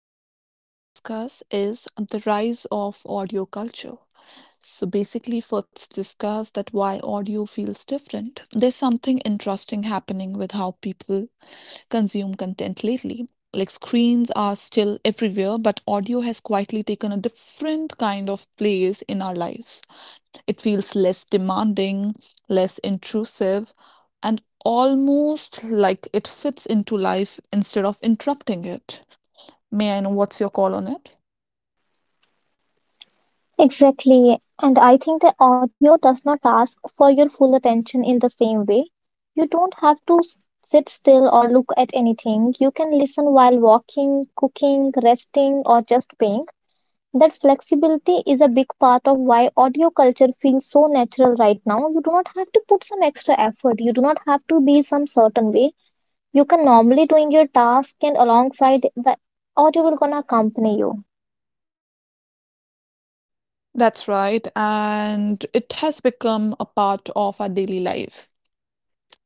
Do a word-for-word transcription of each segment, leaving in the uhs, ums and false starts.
topic we're gonna discuss is the rise of audio culture. So basically, first discuss that why audio feels different. There's something interesting happening with how people consume content lately. Like screens are still everywhere, but audio has quietly taken a different kind of place in our lives. It feels less demanding, less intrusive, and almost like it fits into life instead of interrupting it. May I know what's your call on it? Exactly. And I think the audio does not ask for your full attention in the same way. You don't have to s- sit still or look at anything. You can listen while walking, cooking, resting, or just paying. That flexibility is a big part of why audio culture feels so natural right now. You do not have to put some extra effort. You do not have to be some certain way. You can normally doing your task and alongside the audio will gonna accompany you. That's right. And it has become a part of our daily life.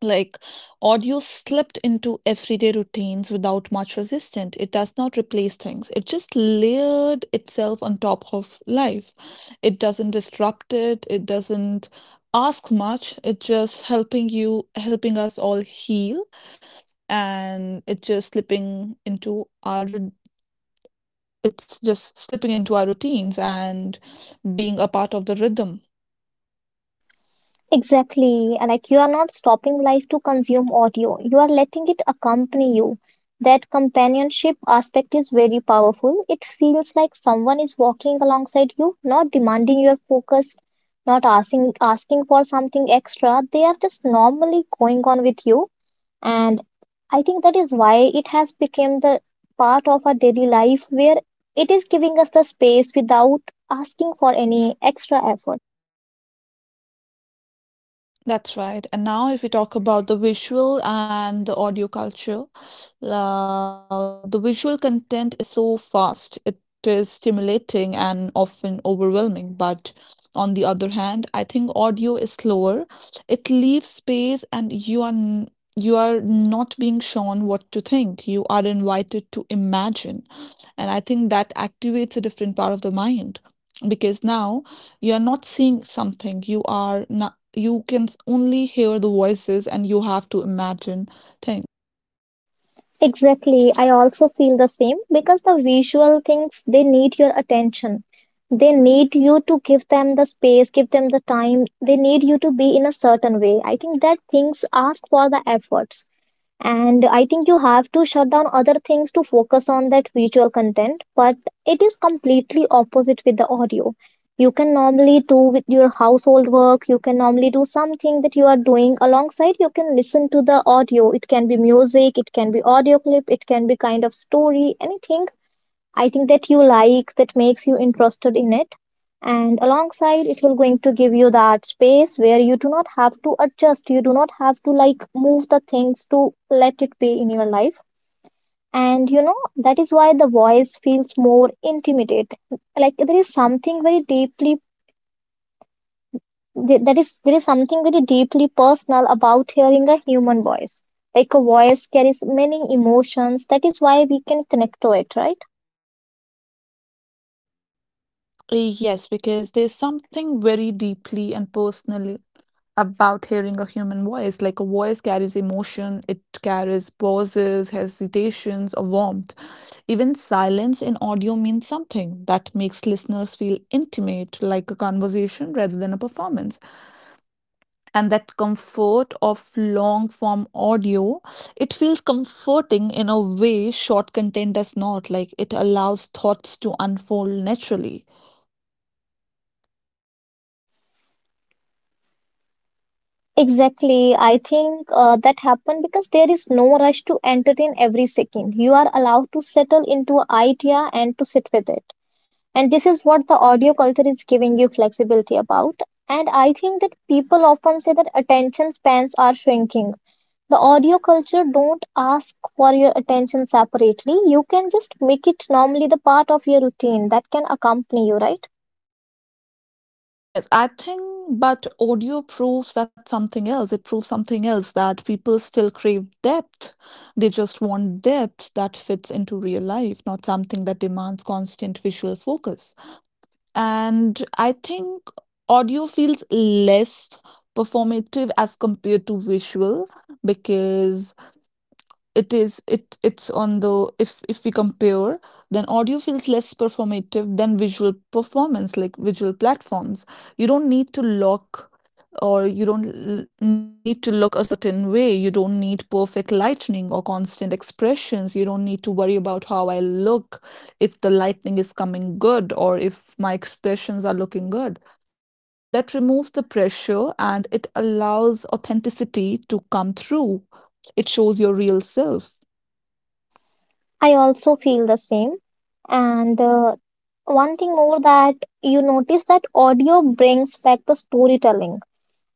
Like audio slipped into everyday routines without much resistance. It does not replace things. It just layered itself on top of life. It doesn't disrupt it. It doesn't ask much. It's just helping you, helping us all heal. And it just slipping into our, it's just slipping into our routines and being a part of the rhythm. Exactly. Like you are not stopping life to consume audio. You are letting it accompany you. That companionship aspect is very powerful. It feels like someone is walking alongside you, not demanding your focus, not asking asking for something extra. They are just normally going on with you. And I think that is why it has become the part of our daily life where it is giving us the space without asking for any extra effort. That's right. And now, if we talk about the visual and the audio culture, uh, the visual content is so fast. It is stimulating and often overwhelming. But on the other hand, I think audio is slower. It leaves space, and you are n- you are not being shown what to think. You are invited to imagine, and I think that activates a different part of the mind because now you're not seeing something. You are not, you can s- only hear the voices and you have to imagine things. Exactly. I also feel the same because the visual things, they need your attention. They need you to give them the space, give them the time. They need you to be in a certain way. I think that things ask for the efforts, and I think you have to shut down other things to focus on that visual content. But it is completely opposite with the audio. You can normally do with your household work, you can normally do something that you are doing alongside. You can listen to the audio. It can be music, it can be audio clip, it can be kind of story, anything. I think that you like that makes you interested in it. And alongside, it will going to give you that space where you do not have to adjust. You do not have to like move the things to let it be in your life. And you know, that is why the voice feels more intimate. Like there is something very deeply th- that is there is something very deeply personal about hearing a human voice. Like a voice carries many emotions. That is why we can connect to it, right? Uh, Yes, because there's something very deeply and personally about hearing a human voice. Like a voice carries emotion, it carries pauses, hesitations, or warmth. Even silence in audio means something that makes listeners feel intimate, like a conversation rather than a performance. And that comfort of long form audio, it feels comforting in a way short content does not. Like it allows thoughts to unfold naturally. Exactly. I think uh, that happened because there is no rush to entertain every second. You are allowed to settle into an idea and to sit with it. And this is what the audio culture is giving you flexibility about. And I think that people often say that attention spans are shrinking. The audio culture don't ask for your attention separately. You can just make it normally the part of your routine that can accompany you, right? Yes, I think, but audio proves that something else it proves something else, that people still crave depth. They just want depth that fits into real life, not something that demands constant visual focus. And I think audio feels less performative as compared to visual, because it is it it's on the if if we compare, then audio feels less performative than visual performance. Like visual platforms, you don't need to look, or you don't l- need to look a certain way. You don't need perfect lightning or constant expressions. You don't need to worry about how I look, if the lightning is coming good or if my expressions are looking good. That removes the pressure and it allows authenticity to come through. It shows your real self. I also feel the same. And uh, One thing more that you notice that audio brings back the storytelling.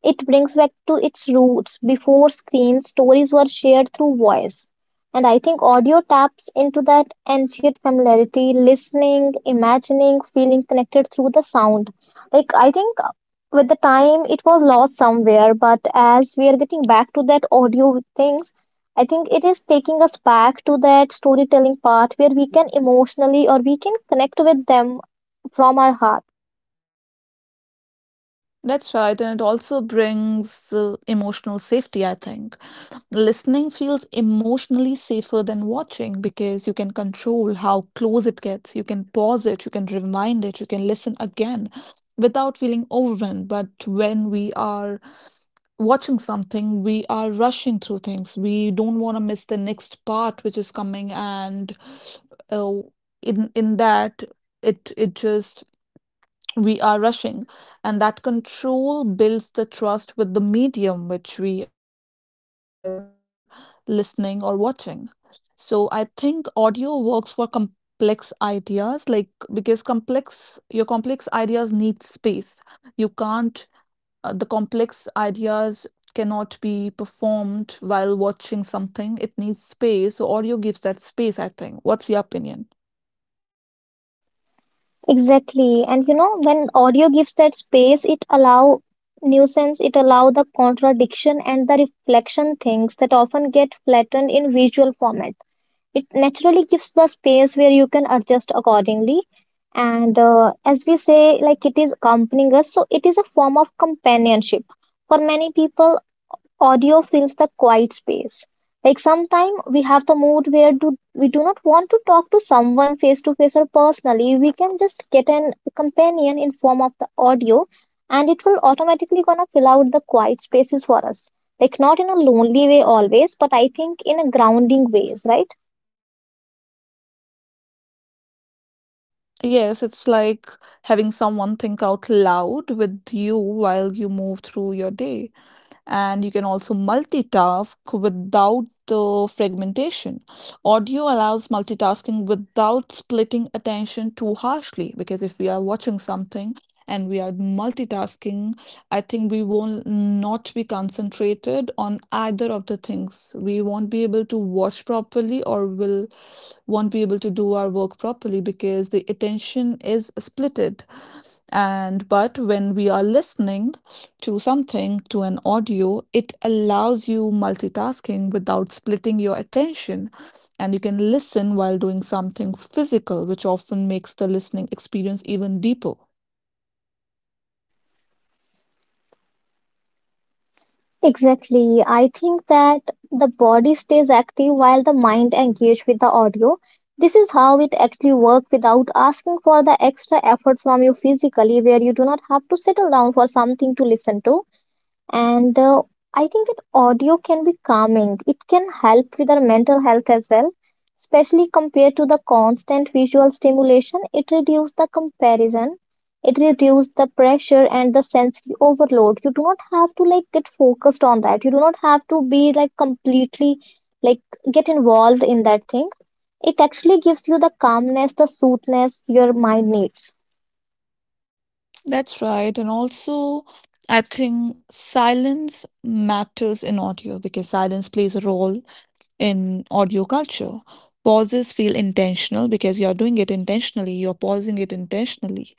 It brings back to its roots. Before screens, stories were shared through voice. And I think audio taps into that ancient familiarity, listening, imagining, feeling connected through the sound. Like, I think with the time it was lost somewhere, but as we are getting back to that audio things, I think it is taking us back to that storytelling part where we can emotionally or we can connect with them from our heart. That's right, and it also brings uh, emotional safety, I think. Listening feels emotionally safer than watching because you can control how close it gets. You can pause it, you can rewind it, you can listen again without feeling overwhelmed. But when we are watching something, we are rushing through things. We don't want to miss the next part which is coming, and uh, in in that it it just we are rushing, and that control builds the trust with the medium which we are listening or watching. So I think audio works for complex ideas, like because complex your complex ideas need space. You can't, uh, the complex ideas cannot be performed while watching something. It needs space, so audio gives that space. I think, what's your opinion? Exactly. And you know, when audio gives that space, it allow nuisance, it allow the contradiction and the reflection things that often get flattened in visual format. It naturally gives the space where you can adjust accordingly. And uh, As we say, like it is accompanying us, so it is a form of companionship. For many people, audio fills the quiet space. Like sometime we have the mood where do, we do not want to talk to someone face to face or personally. We can just get an companion in form of the audio, and it will automatically gonna fill out the quiet spaces for us. Like not in a lonely way always, but I think in a grounding ways, right? Yes, it's like having someone think out loud with you while you move through your day, and you can also multitask without the fragmentation. Audio allows multitasking without splitting attention too harshly, because if we are watching something and we are multitasking, I think we will not be concentrated on either of the things. We won't be able to watch properly, or will won't be able to do our work properly, because the attention is splitted. And but when we are listening to something, to an audio, it allows you multitasking without splitting your attention, and you can listen while doing something physical, which often makes the listening experience even deeper. Exactly. I think that the body stays active while the mind engages with the audio. This is how it actually works without asking for the extra effort from you physically, where you do not have to settle down for something to listen to. And uh, I think that audio can be calming. It can help with our mental health as well, especially compared to the constant visual stimulation. It reduces the comparison, it reduces the pressure and the sensory overload. You do not have to like get focused on that. You do not have to be like completely like get involved in that thing. It actually gives you the calmness, the soothness your mind needs. That's right, and also I think silence matters in audio, because silence plays a role in audio culture. Pauses feel intentional because you're doing it intentionally, you're pausing it intentionally.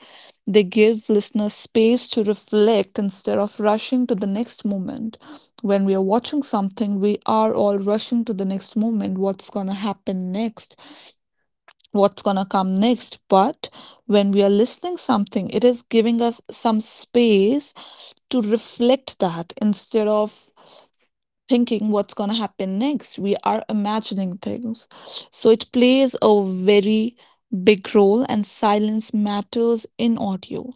They give listeners space to reflect instead of rushing to the next moment. When we are watching something, we are all rushing to the next moment, what's going to happen next, what's going to come next. But when we are listening something, it is giving us some space to reflect that, instead of thinking what's going to happen next. We are imagining things. So it plays a very big role, and silence matters in audio.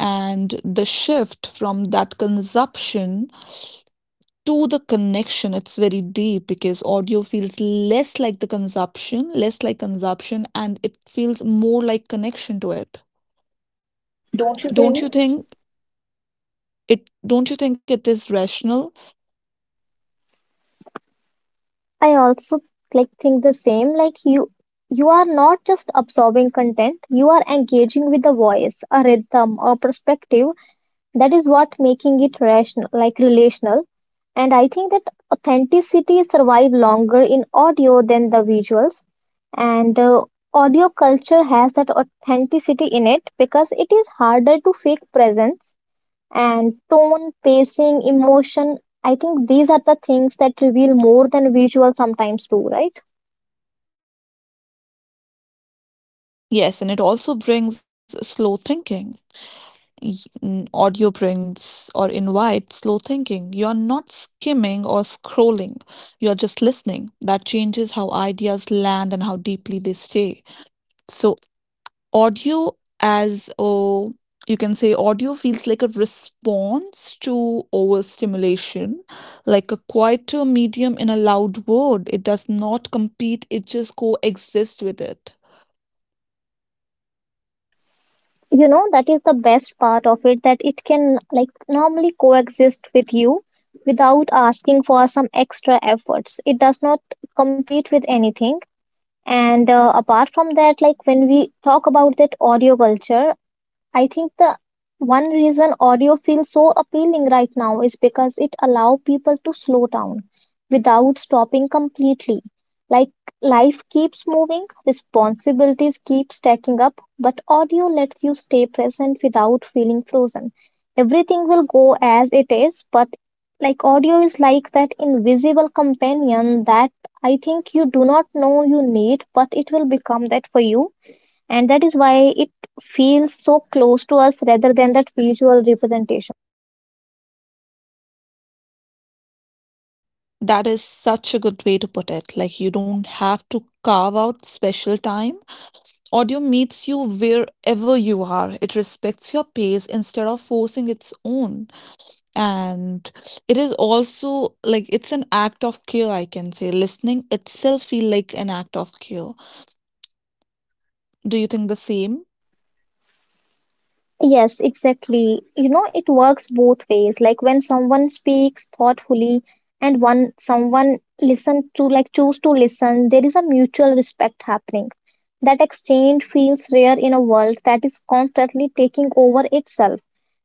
And the shift from that consumption to the connection, it's very deep, because audio feels less like the consumption, less like consumption, and it feels more like connection to it. Don't you Don't think? you think? It, don't you think it is rational? I also like think the same like you you are not just absorbing content. You are engaging with the voice, a rhythm, a perspective. That is what making it rational, like relational. And I think that authenticity survive longer in audio than the visuals. And uh, Audio culture has that authenticity in it because it is harder to fake presence and tone, pacing, emotion. I think these are the things that reveal more than visual sometimes do, right? Yes, and it also brings slow thinking. y- mm, Audio brings or invites slow thinking. You're not skimming or scrolling, you're just listening. That changes how ideas land and how deeply they stay. So, audio as a you can say audio feels like a response to overstimulation, like a quieter medium in a loud word. It does not compete, it just coexists with it. You know, that is the best part of it that it can like normally coexist with you without asking for some extra efforts. It does not compete with anything. And uh, Apart from that, like when we talk about that audio culture, I think the one reason audio feels so appealing right now is because it allows people to slow down without stopping completely. Like life keeps moving, responsibilities keep stacking up, but audio lets you stay present without feeling frozen. Everything will go as it is, but like audio is like that invisible companion that I think you do not know you need, but it will become that for you, and that is why it feels so close to us rather than that visual representation. That is such a good way to put it. Like, you don't have to carve out special time. Audio meets you wherever you are. It respects your pace instead of forcing its own. And it is also like it's an act of care, I can say. Listening itself feel like an act of care. Do you think the same? Yes, exactly. You know, it works both ways. Like when someone speaks thoughtfully and one someone listen to, like choose to listen, there is a mutual respect happening. That exchange feels rare in a world that is constantly taking over itself.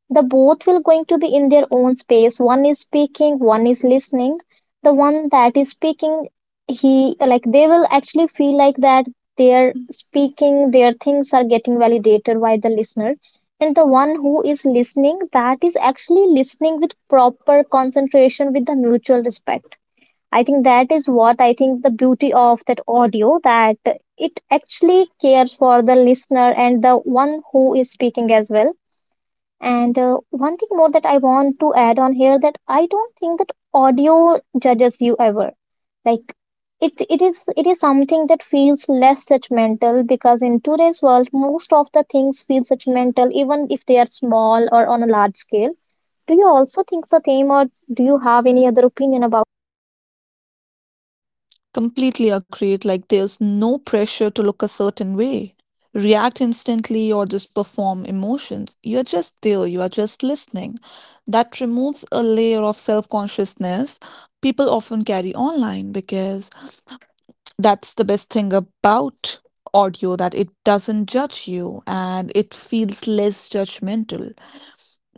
The both will going to be in their own space. One is speaking, one is listening. The one that is speaking, he like they will actually feel like that they're speaking, their things are getting validated by the listener. And the one who is listening, that is actually listening with proper concentration with the mutual respect. I think that is what I think the beauty of that audio that it actually cares for the listener and the one who is speaking as well. And uh, One thing more that I want to add on here that I don't think that audio judges you ever. Like it it is it is something that feels less judgmental because in today's world most of the things feel judgmental even if they are small or on a large scale. Do you also think the same, or do you have any other opinion about? Completely accurate, like there's no pressure to look a certain way, react instantly, or just perform emotions. You're just there, you are just listening. That removes a layer of self consciousness people often carry online, because that's the best thing about audio, that it doesn't judge you and it feels less judgmental.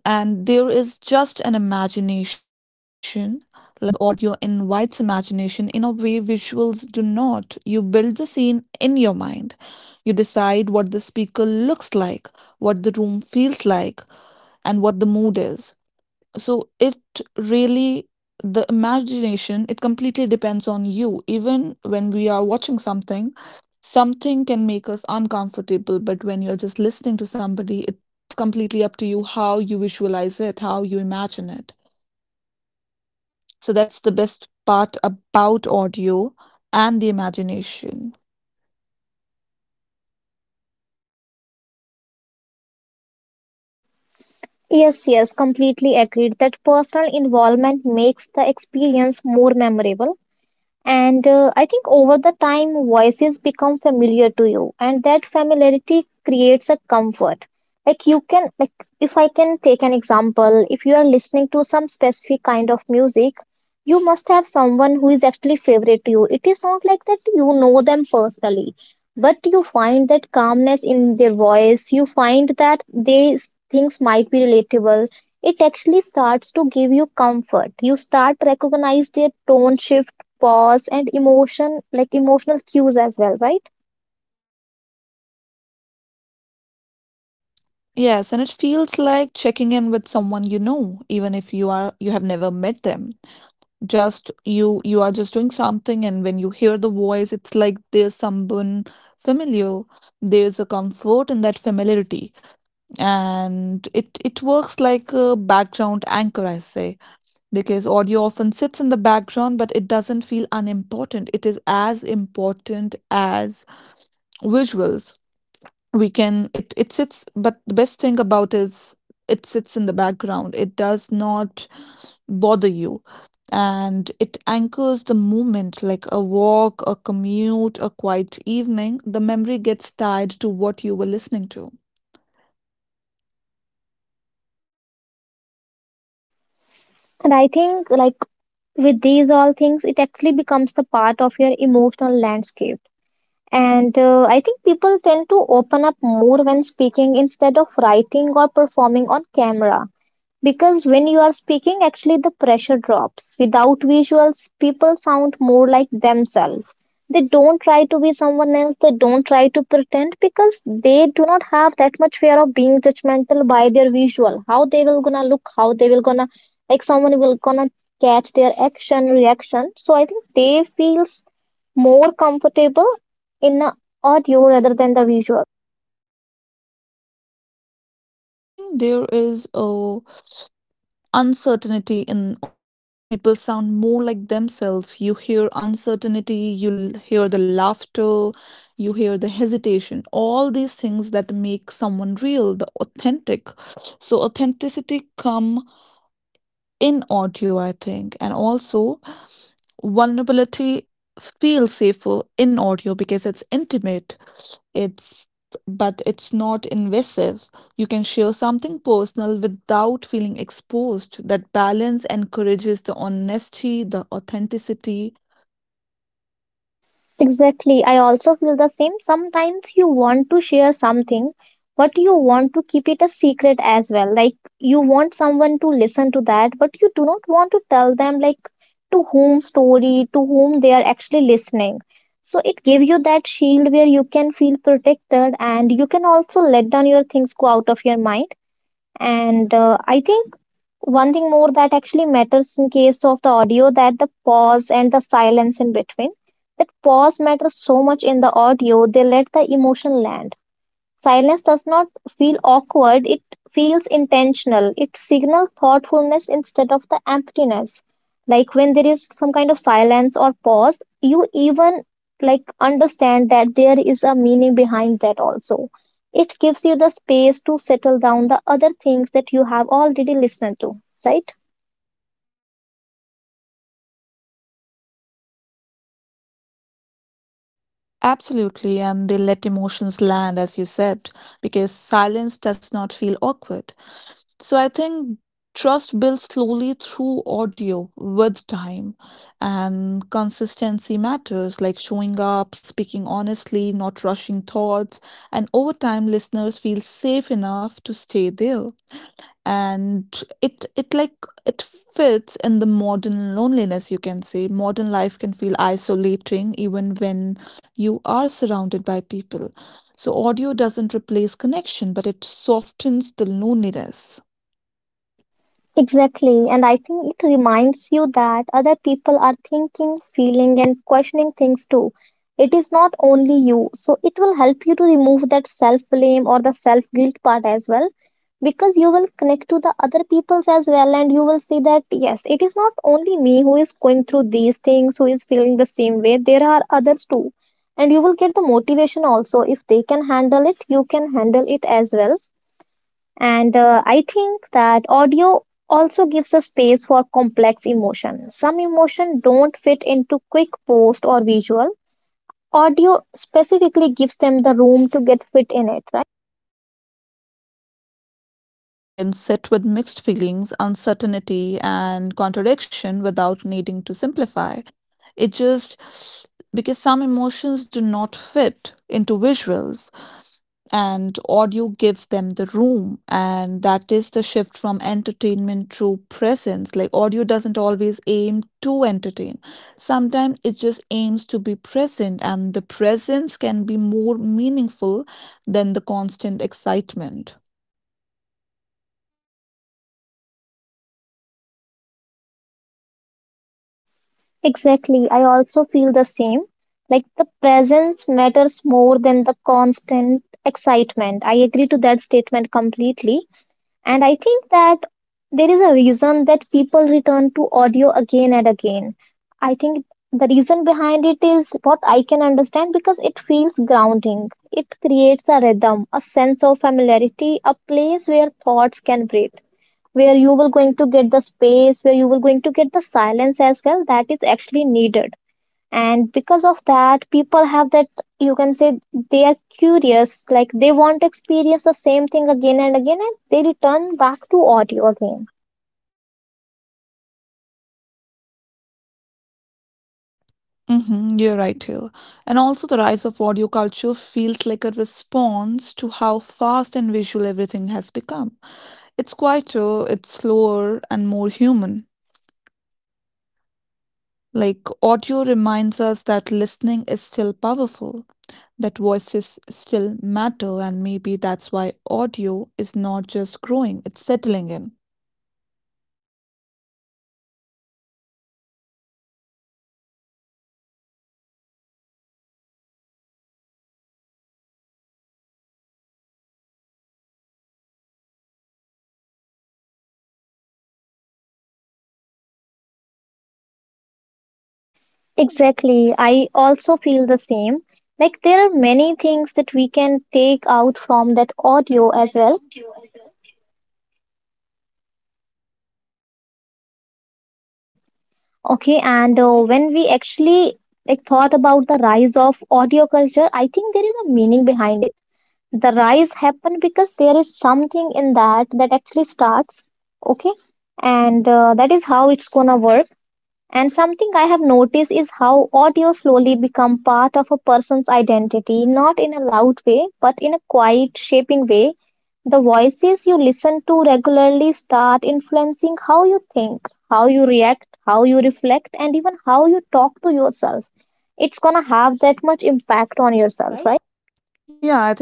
And there is just an imagination. Like audio invites imagination in a way visuals do not. You build the scene in your mind, you decide what the speaker looks like, what the room feels like, and what the mood is. So it really, the imagination, it completely depends on you. Even when we are watching something, something can make us uncomfortable, but when you're just listening to somebody, it's completely up to you how you visualize it, how you imagine it. So that's the best part about audio and the imagination. Yes, yes, completely agreed that personal involvement makes the experience more memorable. And uh, I think over the time, voices become familiar to you, and that familiarity creates a comfort. Like you can, like if I can take an example, if you are listening to some specific kind of music, you must have someone who is actually favorite to you. It is not like that you know them personally, but you find that calmness in their voice. You find that they things might be relatable. It actually starts to give you comfort. You start recognize their tone shift, pause and emotion, like emotional cues as well, right? Yes, and it feels like checking in with someone you know, even if you are you have never met them. Just you you are just doing something, and when you hear the voice, it's like there's someone familiar. There's a comfort in that familiarity. And it it works like a background anchor, I say, because audio often sits in the background, but it doesn't feel unimportant. It is as important as visuals. We can it it sits but The best thing about is it sits in the background, it does not bother you. And it anchors the moment, like a walk, a commute, a quiet evening. The memory gets tied to what you were listening to. And I think like with these all things it actually becomes the part of your emotional landscape. And uh, I think people tend to open up more when speaking instead of writing or performing on camera. Because when you are speaking, actually the pressure drops. Without visuals, people sound more like themselves. They don't try to be someone else, they don't try to pretend because they do not have that much fear of being judgmental by their visual. How they will gonna look, how they will gonna like someone will gonna catch their action, reaction. So I think they feels more comfortable in a audio rather than the visual. I think there is a uncertainty in audio. People sound more like themselves. You hear uncertainty, you l- hear the laughter, you hear the hesitation. All these things that make someone real, the authentic. So authenticity come in audio, I think. And also vulnerability feels safer in audio because it's intimate. It's but it's not invasive. You can share something personal without feeling exposed. That balance encourages the honesty, the authenticity. Exactly. I also feel the same. Sometimes you want to share something, but you want to keep it a secret as well. Like you want someone to listen to that, but you do not want to tell them like to whom story, to whom they are actually listening. So it gives you that shield where you can feel protected and you can also let down your things go out of your mind. And uh, I think one thing more that actually matters in case of the audio that the pause and the silence in between. That pause matters so much in the audio, they let the emotion land. Silence does not feel awkward, it feels intentional. It signals thoughtfulness instead of the emptiness. Like when there is some kind of silence or pause, you even like understand that there is a meaning behind that also. It gives you the space to settle down the other things that you have already listened to, right? Absolutely, and they let emotions land, as you said, because silence does not feel awkward. So I think trust builds slowly through audio with time, and consistency matters, like showing up, speaking honestly, not rushing thoughts, and over time, listeners feel safe enough to stay there. And it it like it fits in the modern loneliness, you can say. Modern life can feel isolating even when you are surrounded by people, so audio doesn't replace connection, but it softens the loneliness. Exactly. And I think it reminds you that other people are thinking, feeling, and questioning things too. It is not only you. So it will help you to remove that self blame or the self guilt part as well because you will connect to the other people's as well and you will see that yes, it is not only me who is going through these things, who is feeling the same way. There are others too. And you will get the motivation also. If they can handle it, you can handle it as well and uh, I think that audio also gives a space for complex emotion. Some emotion don't fit into quick post or visual. Audio specifically gives them the room to get fit in it, right? Yes, and you can sit with mixed feelings, uncertainty, and contradiction without needing to simplify it, just because some emotions do not fit into visuals, and audio gives them the room. And that is the shift from entertainment to presence. Like audio doesn't always aim to entertain, sometimes it just aims to be present, and the presence can be more meaningful than the constant excitement. Exactly. I also feel the same. Like the presence matters more than the constant excitement. I agree to that statement completely. And I think that there is a reason that people return to audio again and again. I think the reason behind it is what I can understand because it feels grounding. It creates a rhythm, a sense of familiarity, a place where thoughts can breathe, where you will going to get the space, where you will going to get the silence as well that is actually needed and because of that people have that, you can say, they are curious like they want to experience the same thing again and again and they return back to audio again. Mhm, you're right here. And also, the rise of audio culture feels like a response to how fast and visual everything has become. It's quieter, it's slower, and more human. Like audio reminds us that listening is still powerful, that voices still matter, and maybe that's why audio is not just growing, it's settling in. Exactly, I also feel the same. Like there are many things that we can take out from that audio as well. Okay. and uh, When we actually like thought about the rise of audio culture, I think there is a meaning behind it. The rise happen because there is something in that that actually starts. Okay. and uh, That is how it's gonna work. And something I have noticed is how audio slowly become part of a person's identity, not in a loud way but in a quiet shaping way. The voices you listen to regularly start influencing how you think, how you react, how you reflect, and even how you talk to yourself. It's gonna have that much impact on yourself, right?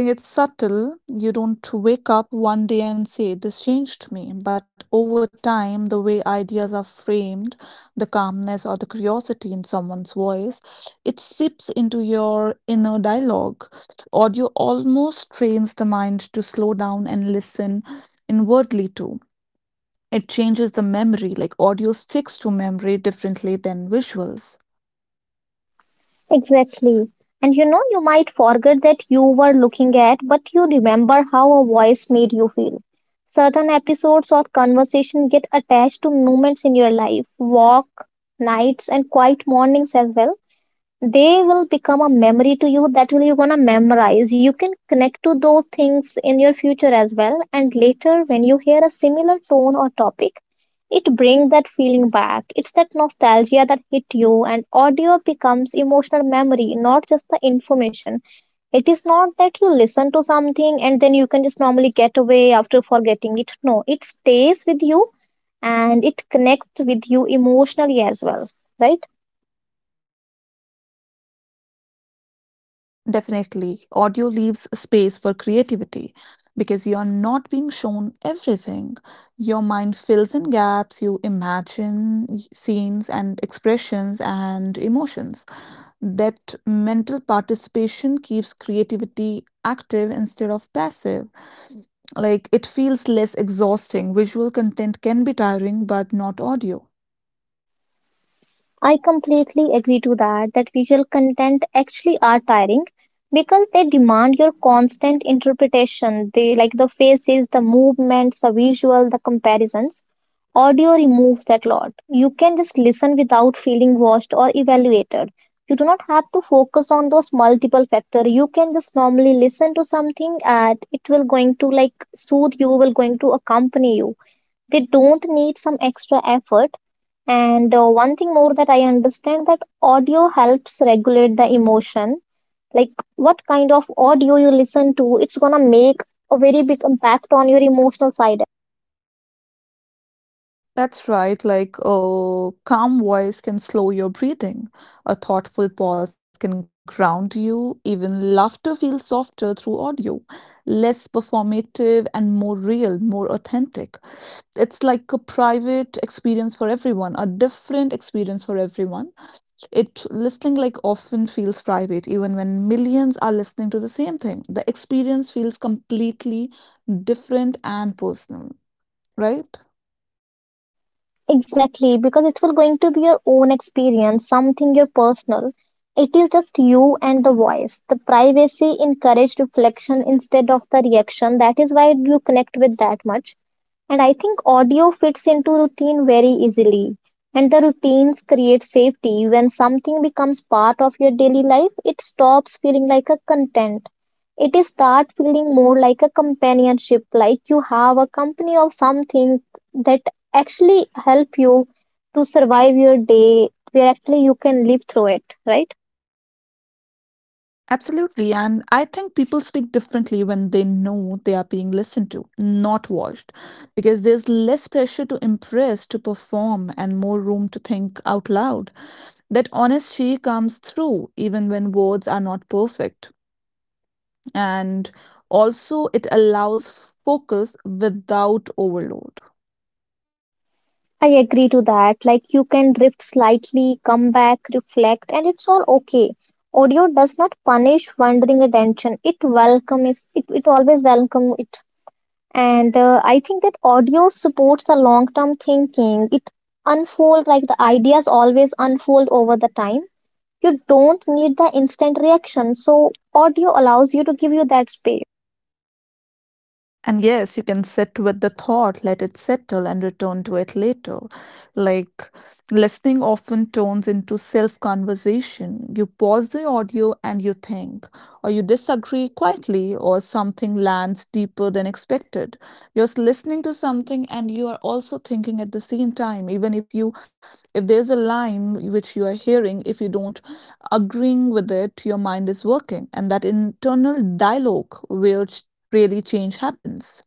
Yeah, I think it's subtle. You don't wake up one day and say, "This changed me." But over time, the way ideas are framed, the calmness or the curiosity in someone's voice, it seeps into your inner dialogue. Audio almost trains the mind to slow down and listen inwardly too. It changes the memory, like audio sticks to memory differently than visuals. Exactly. And you know, you might forget that you were looking at, but you remember how a voice made you feel. Certain episodes or conversation get attached to moments in your life, walk, nights, and quiet mornings as well. They will become a memory to you that will you're gonna memorize. You can connect to those things in your future as well. And later, when you hear a similar tone or topic, it brings that feeling back. It's that nostalgia that hit you, and audio becomes emotional memory, not just the information. It is not that you listen to something and then you can just normally get away after forgetting it. No, it stays with you and it connects with you emotionally as well, right? Definitely, audio leaves space for creativity because you're not being shown everything. Your mind fills in gaps, you imagine y- scenes and expressions and emotions. That mental participation keeps creativity active instead of passive. Like it feels less exhausting. Visual content can be tiring, but not audio. I completely agree to that that visual content actually are tiring because they demand your constant interpretation. They like the faces, the movements, the visual, the comparisons. Audio removes that lot. You can just listen without feeling watched or evaluated. You do not have to focus on those multiple factor. You can just normally listen to something and it will going to like soothe you, will going to accompany you. They don't need some extra effort and uh, one thing more that I understand that audio helps regulate the emotion. Like what kind of audio you listen to, it's gonna make a very big impact on your emotional side. That's right, like a calm voice can slow your breathing, a thoughtful pause can ground you, even laughter feels softer through audio, less performative and more real, more authentic. It's like a private experience for everyone, a different experience for everyone. It listening like often feels private, even when millions are listening to the same thing. The experience feels completely different and personal, right? Exactly, because it will going to be your own experience, something your personal. It is just you and the voice. The privacy encouraged reflection instead of the reaction. That is why you connect with that much. And I think audio fits into routine very easily. And the routines create safety. When something becomes part of your daily life, it stops feeling like a content. It is start feeling more like a companionship, like you have a company of something that actually help you to survive your day, where actually you can live through it, right? Absolutely. And I think people speak differently when they know they are being listened to, not watched, because there's less pressure to impress, to perform, and more room to think out loud. That honesty comes through even when words are not perfect. And also it allows focus without overload. I agree to that. Like you can drift slightly, come back, reflect, and it's all okay. Audio does not punish wandering attention. It welcomes it. It always welcome it. And uh, I think that audio supports the long term thinking. It unfold like the ideas always unfold over the time. You don't need the instant reaction. So audio allows you to give you that space. And yes, you can sit with the thought, let it settle, and return to it later. Like, listening often turns into self conversation. You pause the audio and you think, or you disagree quietly, or something lands deeper than expected. You're s- listening to something and you are also thinking at the same time, even if you if there's a line which you are hearing, if you don't agreeing with it, your mind is working. And that internal dialogue where ch- really change happens.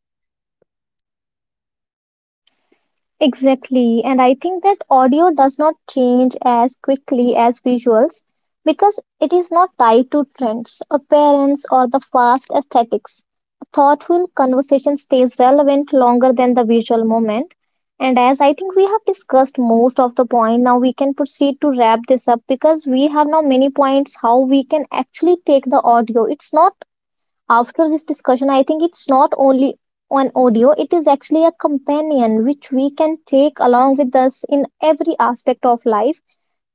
Exactly, and I think that audio does not change as quickly as visuals because it is not tied to trends, appearance, or the fast aesthetics. A thoughtful conversation stays relevant longer than the visual moment. And as I think we have discussed most of the point, now we can proceed to wrap this up because we have now many points how we can actually take the audio. It's not, after this discussion, I think it's not only an audio, it is actually a companion which we can take along with us in every aspect of life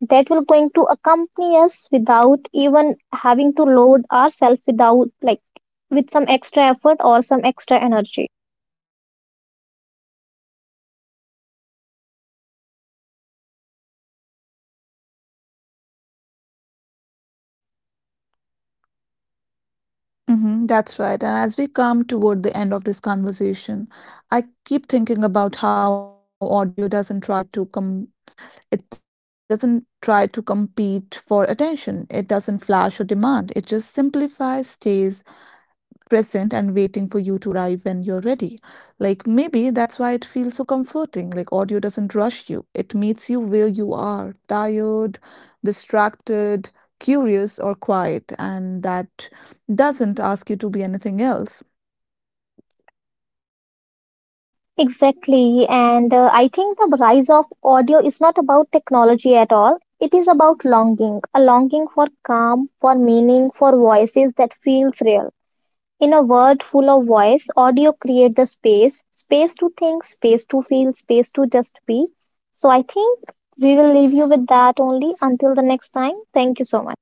that will going to accompany us without even having to load ourselves, without like with some extra effort or some extra energy. Hmm, that's right. And as we come toward the end of this conversation, I keep thinking about how audio doesn't try to come, it doesn't try to compete for attention. It doesn't flash or demand. It just simplifies, stays, present and waiting for you to arrive when you're ready. Like maybe that's why it feels so comforting. Like audio doesn't rush you, it meets you where you are tired, distracted, curious, or quiet, and that doesn't ask you to be anything else. Exactly. And uh, I think the rise of audio is not about technology at all. It is about longing, a longing for calm, for meaning, for voices that feels real. In a world full of voice, audio create the space, space to think, space to feel, space to just be. So I think we will leave you with that only until the next time. Thank you so much.